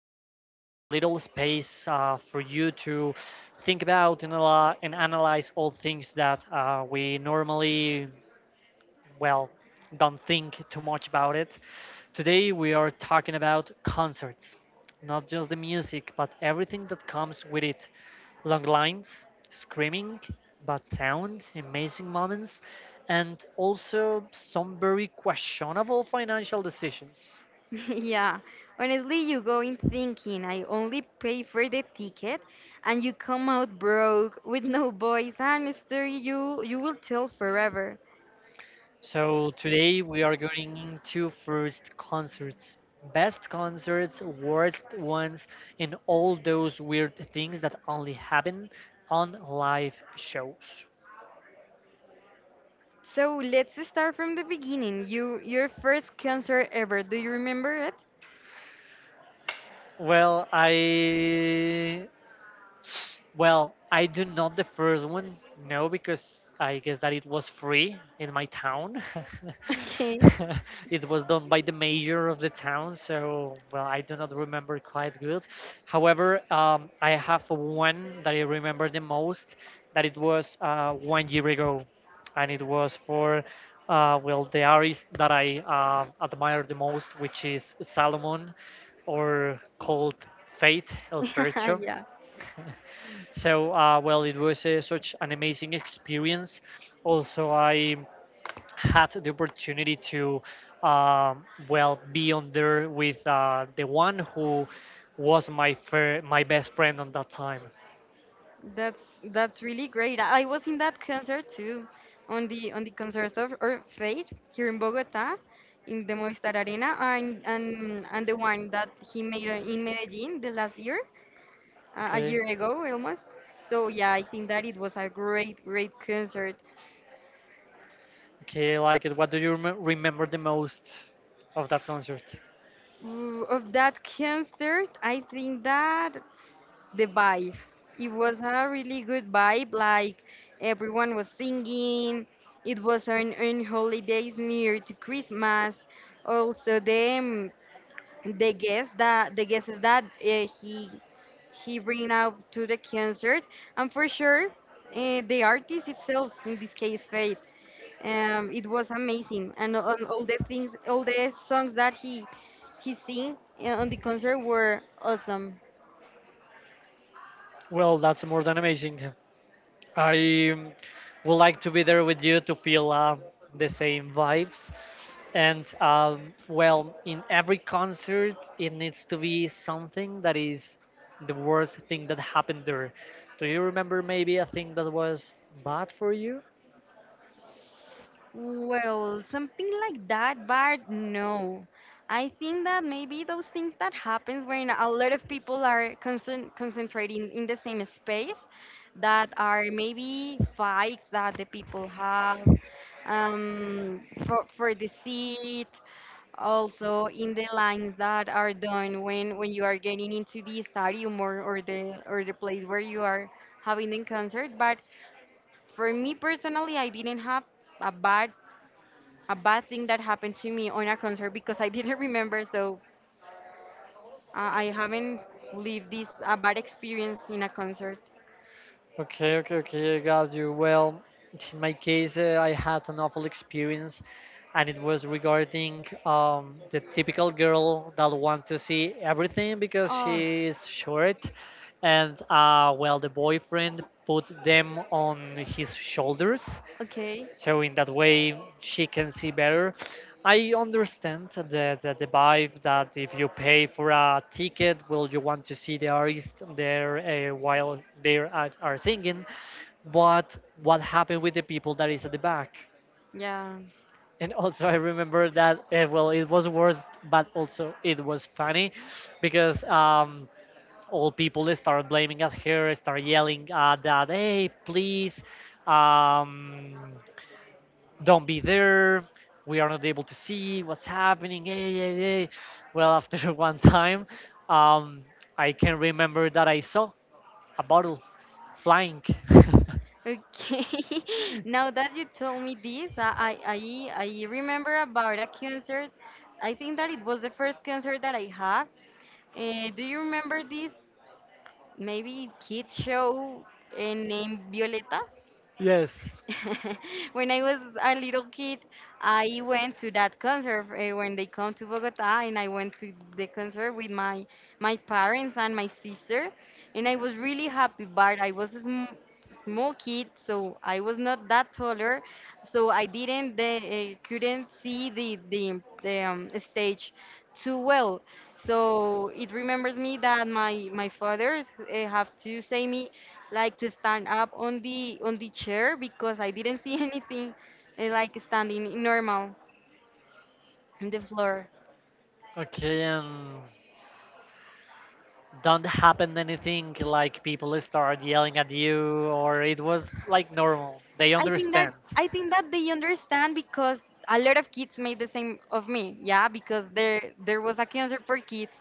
to the little space for you to think about and analyze all things that we normally, well, don't think too much about it. Today we are talking about concerts, not just the music, but everything that comes with it. Long lines, screaming, bad sound, amazing moments, and also some very questionable financial decisions. Yeah, honestly, you go in thinking I only pay for the ticket, and you come out broke with no voice and a story you will tell forever. So today we are going into first concerts, best concerts, worst ones, and all those weird things that only happen on live shows. So let's start from the beginning. Your first concert ever. Do you remember it? Well, I Well, I do not the first one, no, because I guess that it was free in my town. Okay. It was done by the mayor of the town, so well, I do not remember quite good. However, I have one that I remember the most. That it was 1 year ago, and it was for well the artist that I admire the most, which is Salomon, or called Faith El Fercho, Yeah. so, well, it was such an amazing experience. Also, I had the opportunity to, well, be on there with the one who was my best friend on that time. That's that's really great. I was in that concert too, on the concert of or Fate here in Bogota, in the Movistar Arena, and and the one that he made in Medellin the last year, a Okay, year ago almost. So yeah, I think that it was a great concert. okay, I like it. What do you remember the most of that concert? Ooh, of that concert, I think that the vibe. It was a really good vibe. Like everyone was singing. It was on holidays near to Christmas. Also, the guests that the guests that he bring out to the concert, and for sure, the artist itself, in this case, Faith. It was amazing, and all the things, all the songs that he sing on the concert were awesome. Well, that's more than amazing. I would like to be there with you to feel the same vibes. And well, in every concert, it needs to be something that is the worst thing that happened there. Do you remember maybe a thing that was bad for you? Well, something like that, but no. I think that maybe those things that happen when a lot of people are concentrating in the same space, that are maybe fights that the people have for the seat, also in the lines that are done when you are getting into the stadium or or the place where you are having the concert. But for me personally, I didn't have a bad thing that happened to me on a concert because I didn't remember, so I haven't lived this a bad experience in a concert. Okay, okay, okay, I got you. Well, in my case, I had an awful experience, and it was regarding the typical girl that wants to see everything because Oh, she is short, and well, the boyfriend put them on his shoulders, okay. so in that way she can see better. I understand the vibe that if you pay for a ticket, well, you want to see the artist there while they are singing, but what happened with the people that is at the back? Yeah. And also I remember that well, it was worse, but also it was funny because all people start blaming at her, start yelling at that, "Hey, please, um, don't be there. We are not able to see what's happening. Hey, hey, hey. Hey." Well, after one time, um, I can remember that I saw a bottle flying. Okay. Now that you told me this, I remember about a concert. I think that it was the first concert that I had. Do you remember this maybe kid show named Violeta? Yes. When I was a little kid, I went to that concert when they come to Bogota, and I went to the concert with my parents and my sister, and I was really happy. But I was a small kid, so I was not that taller, so I didn't the, couldn't see the stage too well. So it remembers me that my father have to say me like to stand up on the chair because I didn't see anything like standing normal on the floor. Okay, and don't happen anything like people start yelling at you, or it was like normal. They I think that understand. I think that they understand because a lot of kids made the same of me. Yeah, because there was a cancer for kids,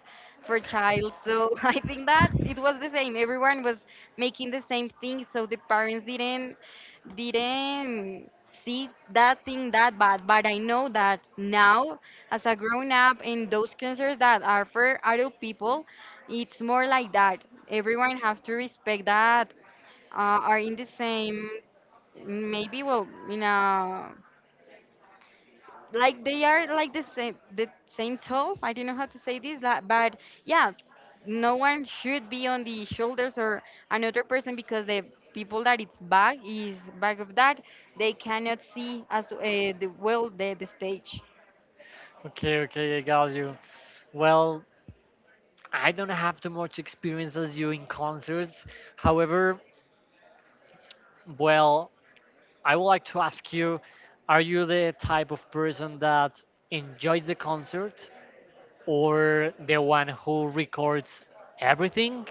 for child. So I think that it was the same. Everyone was making the same thing, so the parents didn't see that thing that bad. But I know that now, as a grown up, in those cancers that are for adult people, it's more like that. Everyone have to respect that are in the same maybe well you know like they are like the same tall, I don't know how to say this that, but yeah, no one should be on the shoulders or another person because the people that it's back is back of that they cannot see as the stage. Okay, okay, I got you. Well, I don't have too much experience as you in concerts. However, well, I would like to ask you, are you the type of person that enjoys the concert or the one who records everything,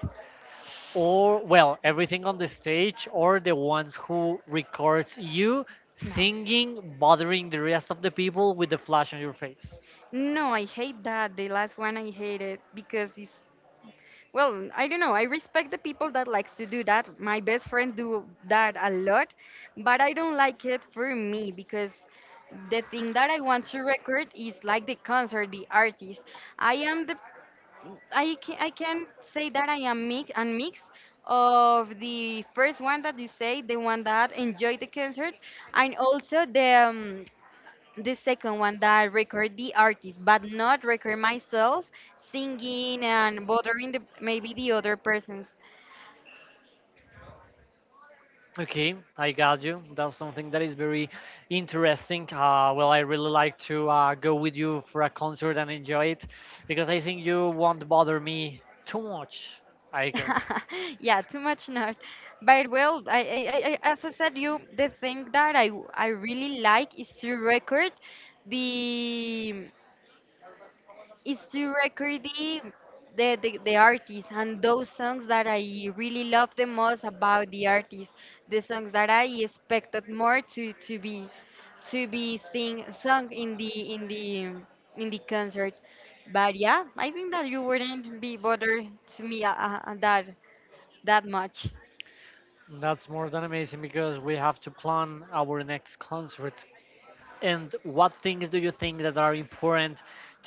or well, everything on the stage, or the ones who records you No, singing, bothering the rest of the people with the flash on your face? no, I hate that. The last one I hated because it's well, I don't know. I respect the people that likes to do that. My best friend do that a lot, but I don't like it for me because the thing that I want to record is like the concert, the artist. I am the I can say that I am mix and mix of the first one that you say, the one that enjoyed the concert, and also the second one that I record the artist but not record myself singing and bothering the, maybe the other persons. Okay, I got you. That's something that is very interesting. Well, I really like to go with you for a concert and enjoy it because I think you won't bother me too much, I guess. Yeah, too much not, but well, I as I said you, the thing that I really like is to record the, it's to record the artist and those songs that I really love the most about the artist, the songs that I expected more to be sing sung in the concert. But yeah, I think that you wouldn't be bothered to me that that much. That's more than amazing because we have to plan our next concert. And what things do you think that are important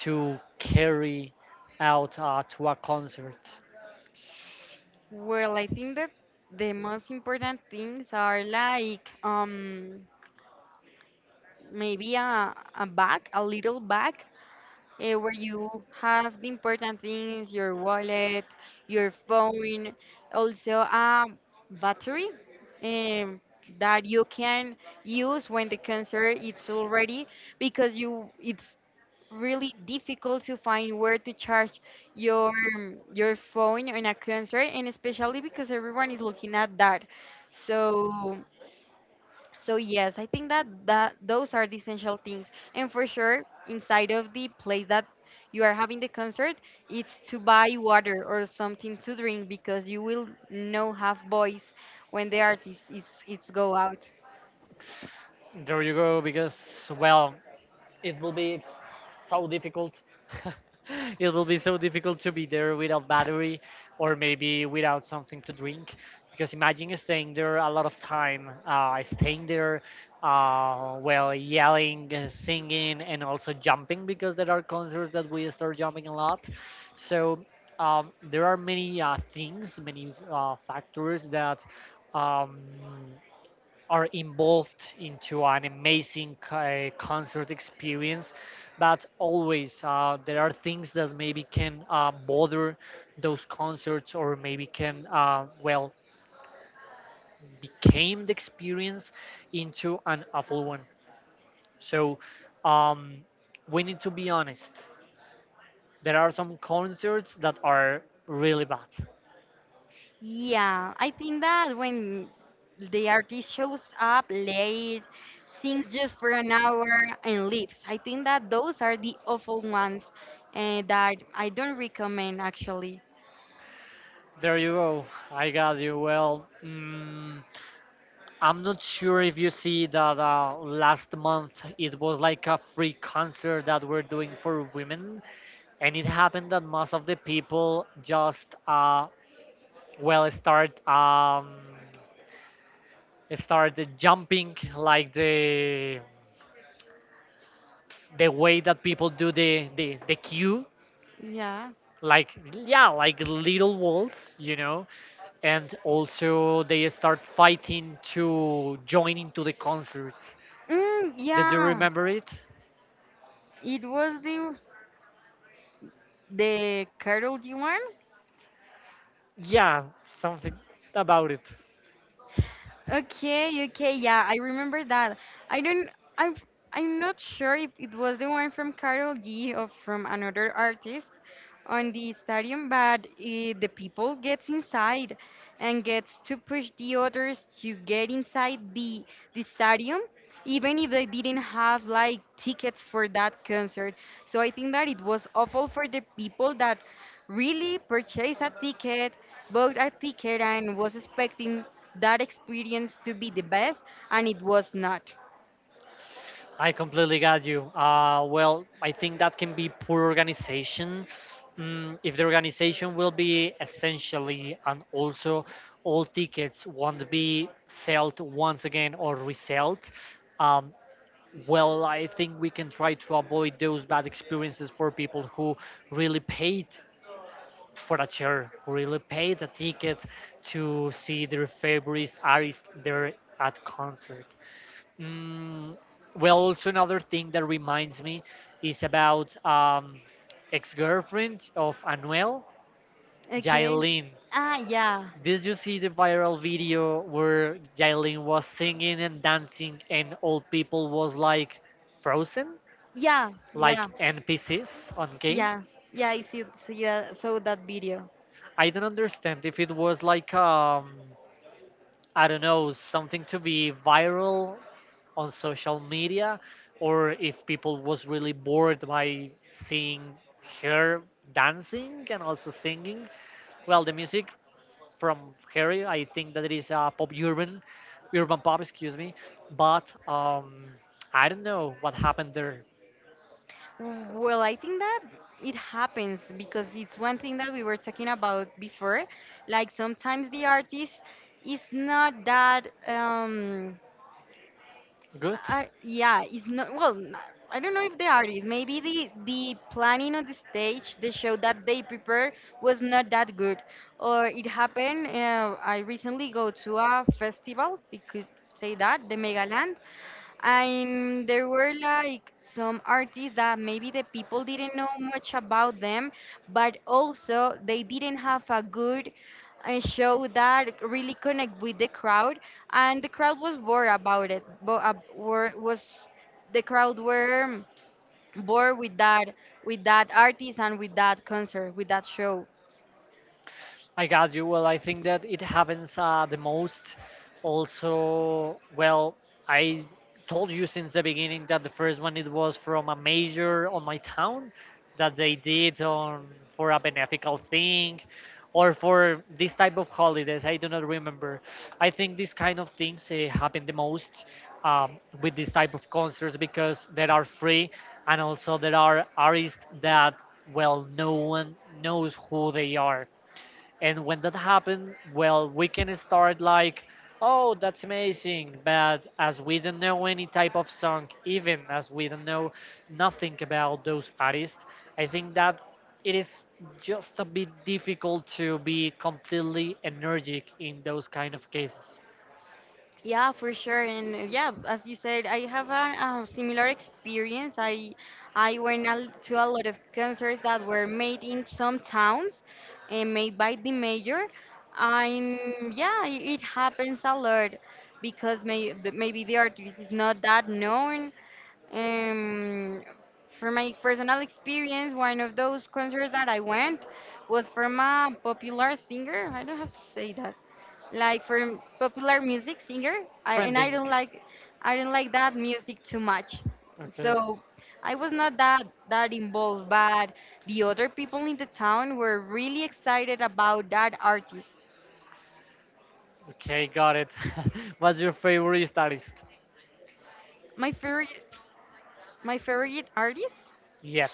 to carry out to a concert? Well, I think that the most important things are like maybe a bag, a little bag where you have the important things, your wallet, your phone, also a battery um, that you can use when the concert it's already because you it's really difficult to find where to charge your your phone in a concert, and especially because everyone is looking at that. So yes, I think that those are the essential things. And for sure, inside of the place that you are having the concert, it's to buy water or something to drink because you will no have voice when the artist is it's go out. There you go, because, well, it will be so difficult. It will be so difficult to be there without battery or maybe without something to drink. Because imagine staying there a lot of time, staying there while yelling, singing, and also jumping because there are concerts that we start jumping a lot. So there are many things, many factors that um, are involved into an amazing concert experience, but always there are things that maybe can bother those concerts or maybe can, well, became the experience into an awful one. So um, we need to be honest, there are some concerts that are really bad. Yeah, I think that when the artist shows up late, sings just for an hour and leaves. I think that those are the awful ones that I don't recommend actually. There you go. I got you. Well, I'm not sure if you see that last month it was like a free concert that we're doing for women, and it happened that most of the people just, well, start, start jumping like the way that people do the queue, Yeah. like, yeah, like little walls, and also they start fighting to join into the concert. Did you Yeah, remember it? it was the Carol G one. Yeah, something about it. Okay, okay, yeah, I remember that. I don't, I'm, I'm not sure if it was the one from Carol G or from another artist on the stadium, but eh, the people gets inside and gets to push the others to get inside the stadium, even if they didn't have like tickets for that concert. So I think that it was awful for the people that really purchased a ticket, bought a ticket, and was expecting that experience to be the best, and it was not. I completely got you. Well, I think that can be poor organization. Mm, if the organization will be essentially and also all tickets won't be sold once again or resold, um, well, I think we can try to avoid those bad experiences for people who really paid for a chair, who really paid a ticket to see their favorite artist there at concert. Mm, well, also another thing that reminds me is about ex-girlfriend of Anuel, Jailin. Ah, Did you see the viral video where Jailin was singing and dancing, and all people was like frozen, yeah, like yeah. NPCs on Yeah, games? yeah, I see that, saw that video. I don't understand if it was like, I don't know, something to be viral on social media, or if people was really bored by seeing her dancing and also singing. Well, the music from her, I think that it is pop urban, urban pop, excuse me. But I don't know what happened there. Well, I think that it happens because it's one thing that we were talking about before. Like sometimes the artist is not that. Good. I Yeah, it's not well. I don't know if the artist, maybe the planning on the stage, the show that they prepare was not that good, or it happened. I recently go to a festival, we could say that, the Megaland, and there were like some artists that maybe the people didn't know much about them, but also they didn't have a good show that really connect with the crowd, and the crowd was bored about it, but was the crowd bored with that, with that artist, and with that concert, with that show. I got you. Well, I think that it happens the most. Also, well, I told you since the beginning that the first one it was from a major on my town that they did on for a beneficial thing or for this type of holidays. I do not remember. I think these kind of things happen the most with this type of concerts because they are free, and also there are artists that, well, no one knows who they are. And when that happens, well, we can start like, oh, that's amazing, but as we don't know any type of song, even as we don't know nothing about those artists, I think that it is just a bit difficult to be completely energetic in those kind of cases. Yeah, for sure. And yeah, as you said, I have a similar experience. I went to a lot of concerts that were made in some towns and made by the mayor. And yeah, it happens a lot because maybe the artist is not that known. um, for my personal experience, one of those concerts that I went was from a popular singer. I don't have to say that. Like from popular music singer, I Trending. don't like, I don't like that music too much. Okay, So I was not that involved, but the other people in the town were really excited about that artist. okay, got it. What's your favorite artist? My favorite my favorite artist Yep.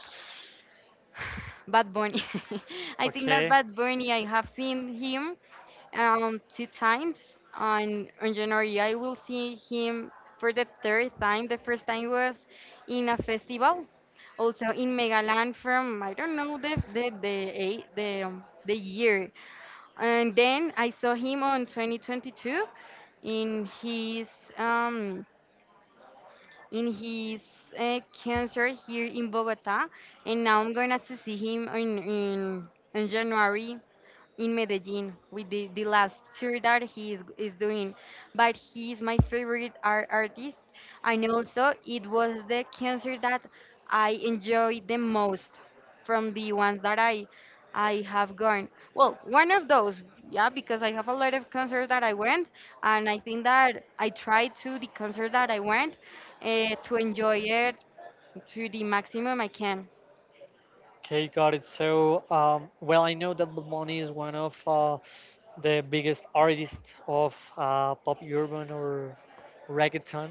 Bad Bunny. I think that Okay. Bad Bunny, I have seen him two times. On January, I will see him for the third time. The first time was in a festival, also in Megaland from I don't know the the eight, the year. And then I saw him on 2022 in his um in his cancer here in Bogota, and now I'm gonna to see him in January in Medellin with the last tour that he is doing. But he is my favorite artist, and also it was the concert that I enjoyed the most from the ones that I have gone. Well, one of those, yeah, because I have a lot of concerts that I went, and I think that I tried to the concert that I went to enjoy it to the maximum I can. Okay, got it. So, well, I know that Bad Bunny is one of the biggest artists of pop urban or reggaeton.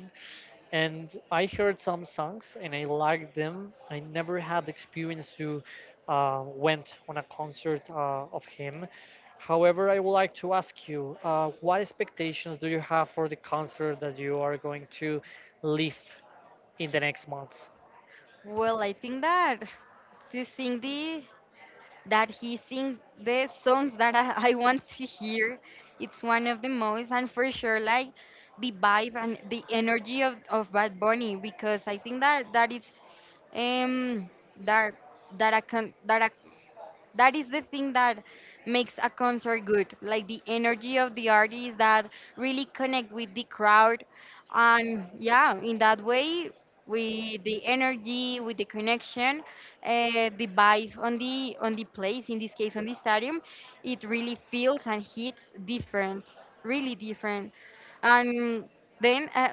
And I heard some songs and I liked them. I never had the experience to went on a concert of him. However, I would like to ask you, what expectations do you have for the concert that you are going to leave in the next month? Well, I think that to sing the that he sings the songs that I want to hear. It's one of the most, and for sure, like the vibe and the energy of Bad Bunny, because I think that that is um that that I can that I that is the thing that makes a concert good, like the energy of the artist that really connect with the crowd. And yeah, in that way, with the energy, with the connection, the vibe on the place, in this case on the stadium, it really feels and hits different. Really different. And then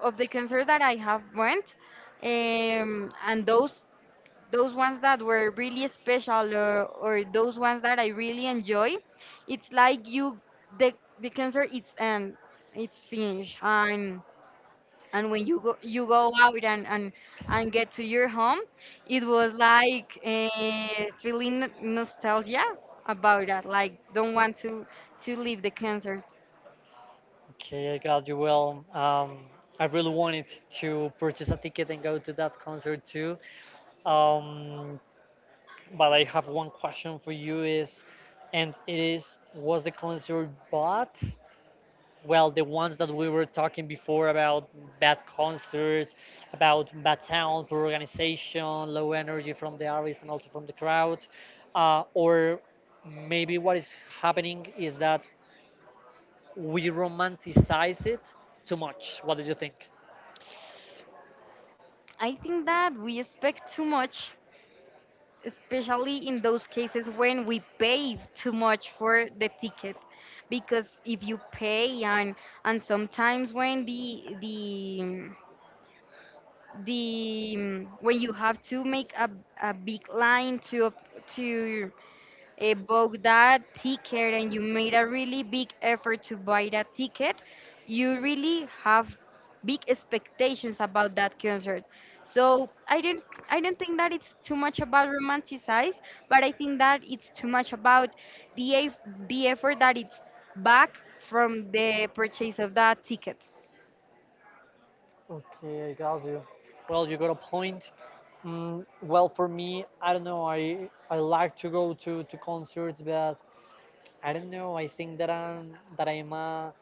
of the concerts that I have went, and those ones that were really special, or those ones that I really enjoy, it's like you the the concert it's finished, and when you go out and get to your home, it was like feeling nostalgia about that. Like don't want to leave the concert. Okay, I got you. Well, I really wanted to purchase a ticket and go to that concert too. Um, But I have one question for you is, and it is, was the concert bad? Well, the ones that we were talking before about bad concerts, about bad sound, poor organization, low energy from the artist and also from the crowd, or maybe what is happening is that we romanticize it too much. What do you think? I think that we expect too much, especially in those cases when we pay too much for the ticket, because if you pay and sometimes when the when you have to make a big line to book that ticket and you made a really big effort to buy that ticket, you really have big expectations about that concert. So I don't think that it's too much about romanticize, but I think that it's too much about the eff- the effort that it's back from the purchase of that ticket. Okay, I got you. Well, you got a point. Mm, well, for me, I don't know. I like to go to concerts, but I don't know. I think that I'm a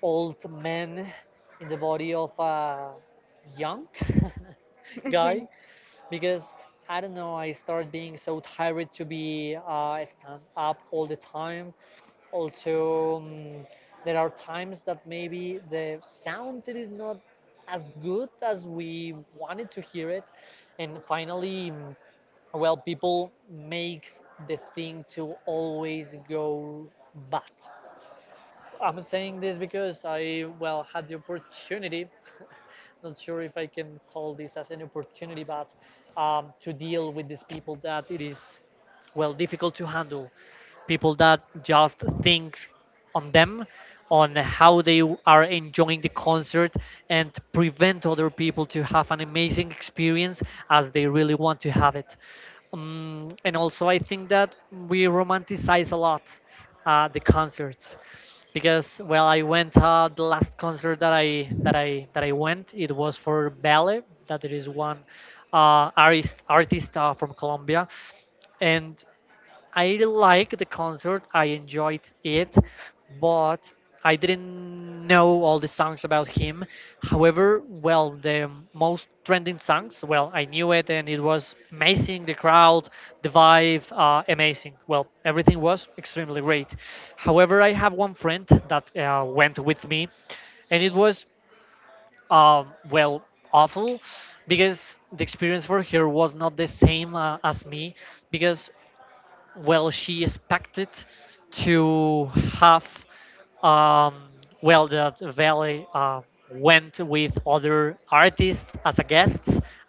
old man in the body of a young guy Okay. because I don't know. I start being so tired to be stand up all the time. Also, mm, there are times that maybe the sound is not as good as we wanted to hear it, and finally, mm, well, people makes the thing to always go bad. I'm saying this because I, well, had the opportunity. Not sure if I can call this as an opportunity, but to deal with these people that it is, well, difficult to handle, people that just think on them, on how they are enjoying the concert and prevent other people to have an amazing experience as they really want to have it. And also I think that we romanticize a lot the concerts because, well, I went, the last concert that I went it was for Ballet, that there is one artist from Colombia. And I like the concert. I enjoyed it, but I didn't know all the songs about him. However, well, the most trending songs, well, I knew it and it was amazing. The crowd, the vibe, amazing. Well, everything was extremely great. However, I have one friend that went with me, and it was, uh, well, awful because the experience for her was not the same as me because, well, she expected to have um, well, that Valley went with other artists as a guest,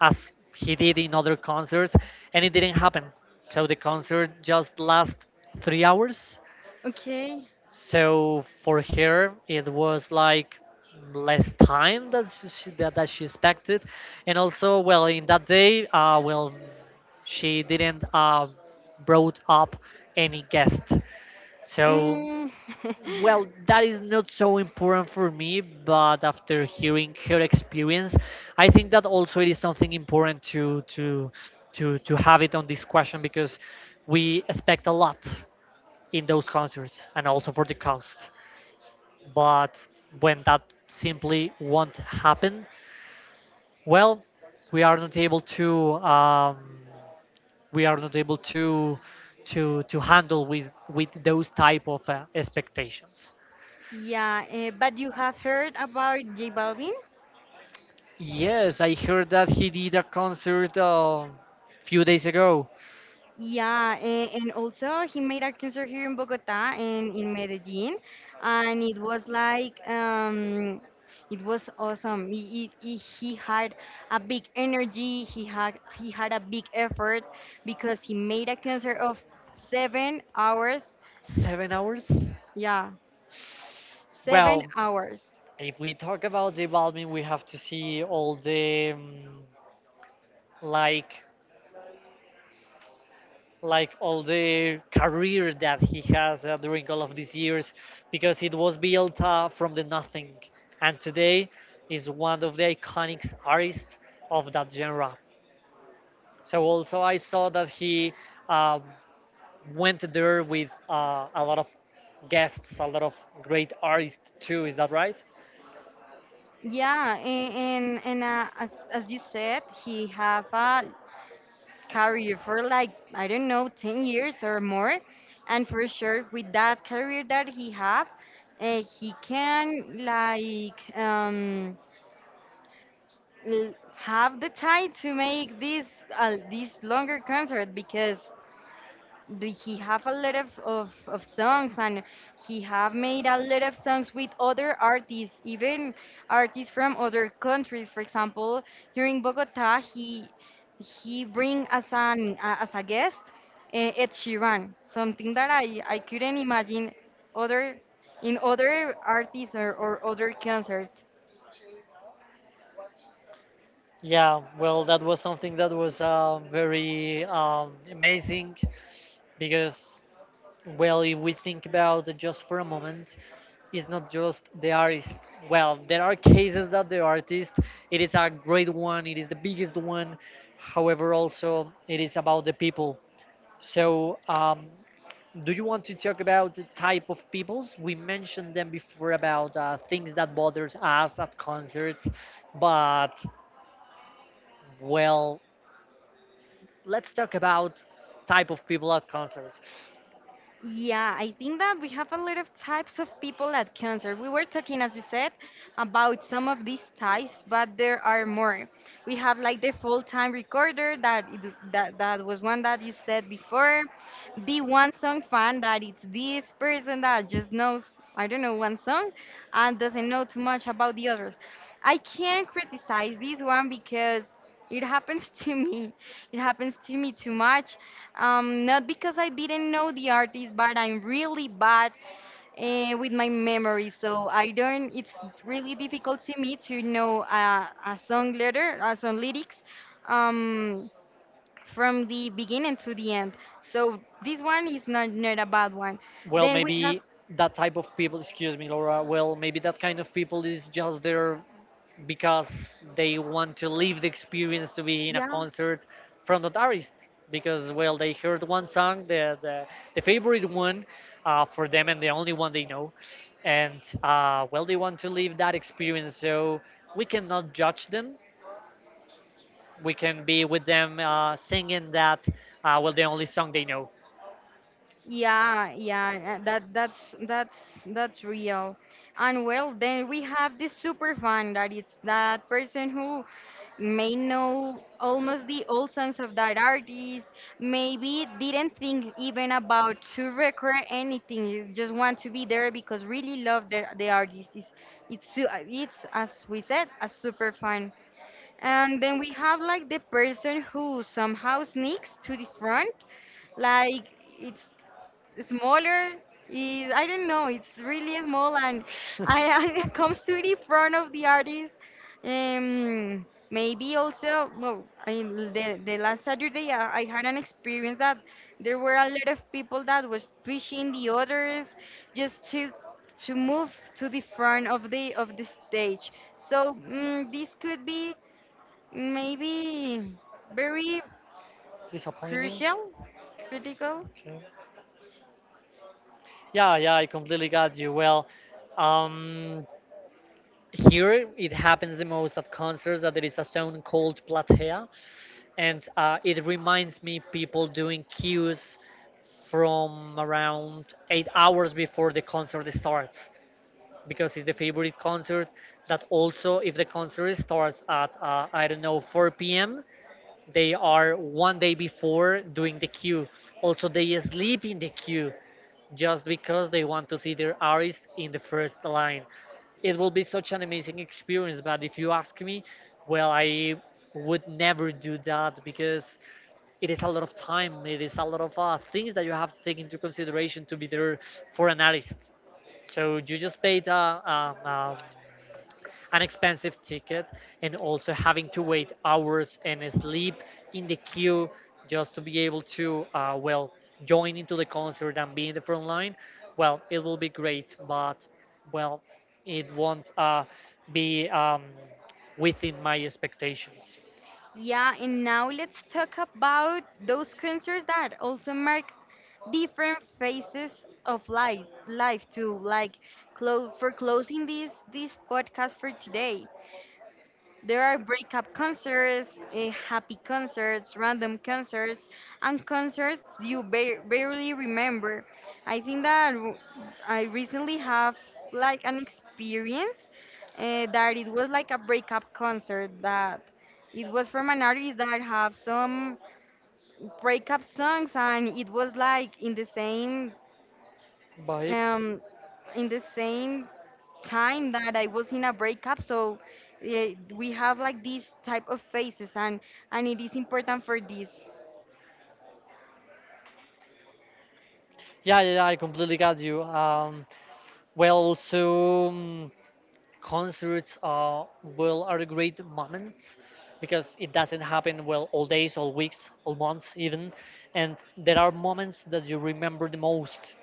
as he did in other concerts, and it didn't happen. So the concert just last 3 hours, Okay. so for her, it was like less time that that she expected, and also, well, in that day, well, she didn't brought up any guest. So, Mm. well, that is not so important for me, but after hearing her experience, I think that also it is something important to have it on this question because we expect a lot in those concerts and also for the cost. But when that simply won't happen, well, we are not able to um, we are not able to handle with those type of expectations. Yeah, but you have heard about J Balvin? Yes, I heard that he did a concert a few days ago. Yeah, and also he made a concert here in Bogota and in Medellin, and it was like it was awesome. He had a big energy. He had a big effort because he made a concert of 7 hours. 7 hours? Yeah. Wow. seven Well, hours. if we talk about J Balvin, we have to see all the like like all the career that he has during all of these years because it was built from the nothing, and today is one of the iconic artists of that genre. So also, I saw that he uh, went there with a lot of guests, a lot of great artists too. Is that right? Yeah, and as you said, he have a career for like I don't know 10 years or more, and for sure with that career that he have, he can like have the time to make this longer concert because but he have a lot of songs, and he have made a lot of songs with other artists, even artists from other countries. For example, here in Bogota, he bring as an as a guest, Ed Sheeran, something that I couldn't imagine other in other artists, or other concerts. Yeah, well, that was something that was very amazing because, well, if we think about it just for a moment, it's not just the artist. Well, there are cases that the artist, it is a great one, it is the biggest one. However, also it is about the people. So, do you want to talk about the type of peoples? We mentioned them before about things that bothers us at concerts, but, well, let's talk about type of people at concerts. Yeah, I think that we have a lot of types of people at cancer. We were talking, as you said, about some of these types, but there are more. We have like the full-time recorder that that was one that you said before. The one song fan that it's this person that just knows, I don't know, one song and doesn't know too much about the others. I can't criticize this one because it happens to me. It happens to me too much. Not because I didn't know the artist, but I'm really bad with my memory, so I don't. It's really difficult to me to know a song letter, a song lyrics, um, from the beginning to the end. So this one is not a bad one. Well, Then we have, maybe that type of people excuse me, Laura. Well, maybe that kind of people is just there because they want to live the experience to be in a yeah. concert from that artist because, well, they heard one song, the favorite one for them and the only one they know, and well, they want to live that experience, so we cannot judge them. We can be with them, singing that, well, the only song they know. Yeah, yeah, that that's real. And well, then we have this super fan that it's that person who may know almost the old songs of that artist, maybe didn't think even about to record anything, you just want to be there because really love the artist. It's, as we said, a super fan. And then we have like the person who somehow sneaks to the front, like. It's smaller, is, I don't know. It's really small, and I I comes to it in front of the artist. Um, Maybe also, well, I, the last Saturday I had an experience that there were a lot of people that was pushing the others just to move to the front of the stage. So mm this could be maybe very Disappointing. crucial, critical. Okay. Yeah, yeah, I completely got you. Well, um, here it happens the most at concerts that there is a song called Platea, and it reminds me people doing queues from around 8 hours before the concert starts because it's the favorite concert, that also if the concert starts at I don't know, 4 p.m., they are one day before doing the queue. Also, they sleep in the queue just because they want to see their artist in the first line. It will be such an amazing experience, but if you ask me, well, I would never do that because it is a lot of time, it is a lot of things that you have to take into consideration to be there for an artist. So you just paid um, um, an expensive ticket and also having to wait hours and sleep in the queue just to be able to, well, join into the concert and be in the front line. Well, it will be great, but, well, it won't be, within my expectations. Yeah, and now let's talk about those concerts that also mark different phases of life too. Like for closing this podcast for today, there are breakup concerts, happy concerts, random concerts, and concerts you barely remember. I think that I recently have like an experience that it was like a breakup concert that it was from an artist that have some breakup songs, and it was like Bye. um, in the same time that I was in a breakup. So we have like these type of phases, and it is important for this. Yeah, yeah, yeah, I completely got you. Well, also concerts are well are great moments because it doesn't happen, well, all days, all weeks, all months even, and there are moments that you remember the most,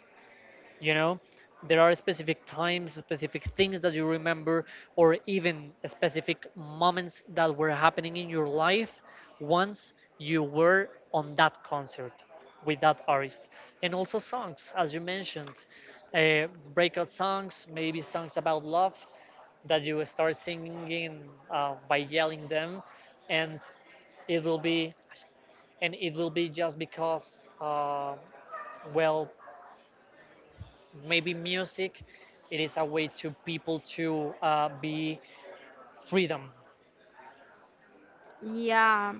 you know. There are specific times, specific things that you remember, or even specific moments that were happening in your life once you were on that concert with that artist. And also, songs, as you mentioned, uh, breakout songs, maybe songs about love that you start singing, by yelling them. and it will be and it will be just because, well, maybe music, it is a way to people to be freedom. Yeah,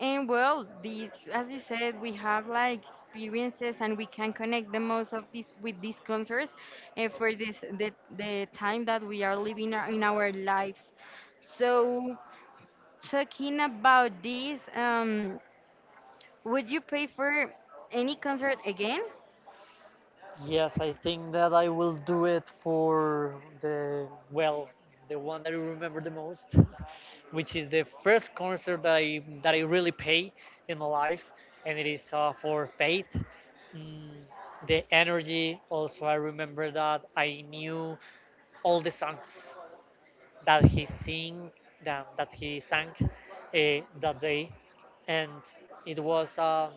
and well, these, as you said, we have like experiences, and we can connect the most of this with these concerts for this the time that we are living in our lives. So talking about this, would you pay for any concert again? Yes, I think that I will do it for the well the one that I remember the most, which is the first concert that I really pay in my life, and it is for faith. mm, the energy. Also, I remember that I knew all the songs that he sing that he sang that day, and it was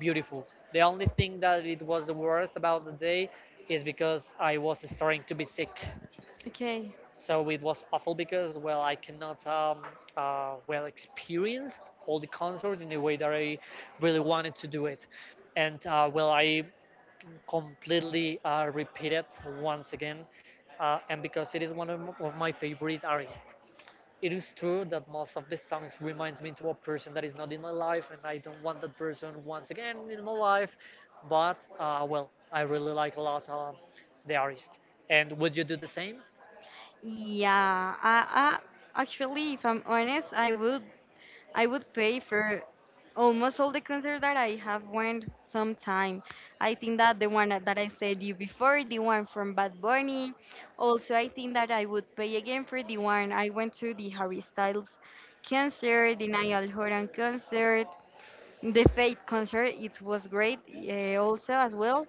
beautiful. The only thing that it was the worst about the day is because I was starting to be sick, Okay. so it was awful because, well, I cannot well, experienced all the concert in the way that I really wanted to do it. And well, I completely repeat once again, and because it is one of my favorite artists, it is true that most of the songs reminds me to a person that is not in my life, and I don't want that person once again in my life. But well, I really like a lot, the artist. And would you do the same? Yeah, I actually, if I'm honest, I would pay for almost all the concerts that I have went sometime. I think that the one that I said you before, the one from Bad Bunny. Also, I think that I would pay again for the one I went to, the Harry Styles concert, the Niall Horan concert, the Fate concert. It was great, also as well.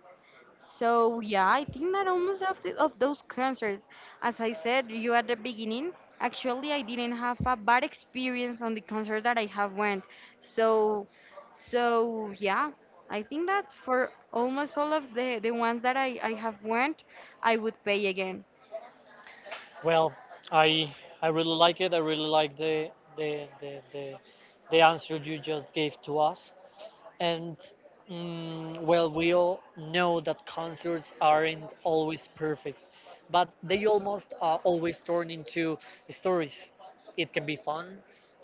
So yeah, I think that almost of of those concerts, as I said you at the beginning, actually I didn't have a bad experience on the concerts that I have went. So so yeah, I think that for almost all of the ones that I have went, I would pay again. Well, i I really like it. I really like the the, the the answer you just gave to us. And, well, we all know that concerts aren't always perfect, but they almost always turn into stories. It can be fun,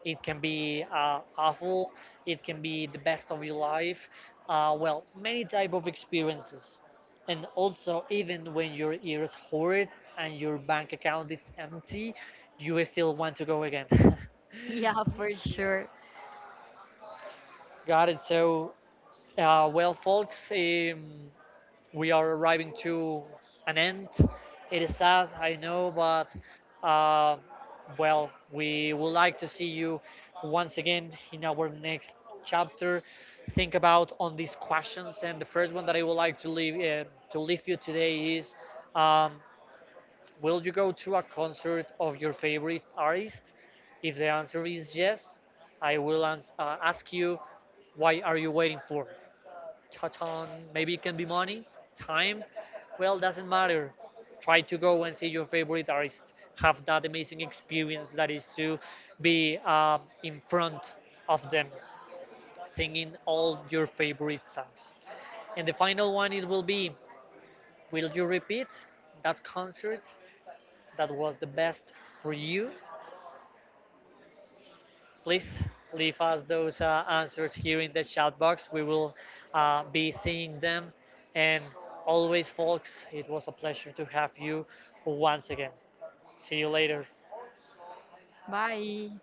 it can be awful, it can be the best of your life. Well, many type of experiences, and also, even when your ears hurt and your bank account is empty, you still want to go again. Yeah, for sure. Got it. So, well, folks. We are arriving to an end. It is sad, I know, but uh, well, we would like to see you once again in our next chapter. Think about on these questions, and the first one that I would like to leave you today is: um, will you go to a concert of your favorite artist? If the answer is yes, I will ask you, why are you waiting for? Touch on, maybe it can be money, time. Well, doesn't matter. Try to go and see your favorite artist. Have that amazing experience that is to be in front of them, singing all your favorite songs. And the final one it will be: will you repeat that concert that was the best for you? Please leave us those answers here in the chat box. We will be seeing them. And always, folks, it was a pleasure to have you once again. See you later. Bye.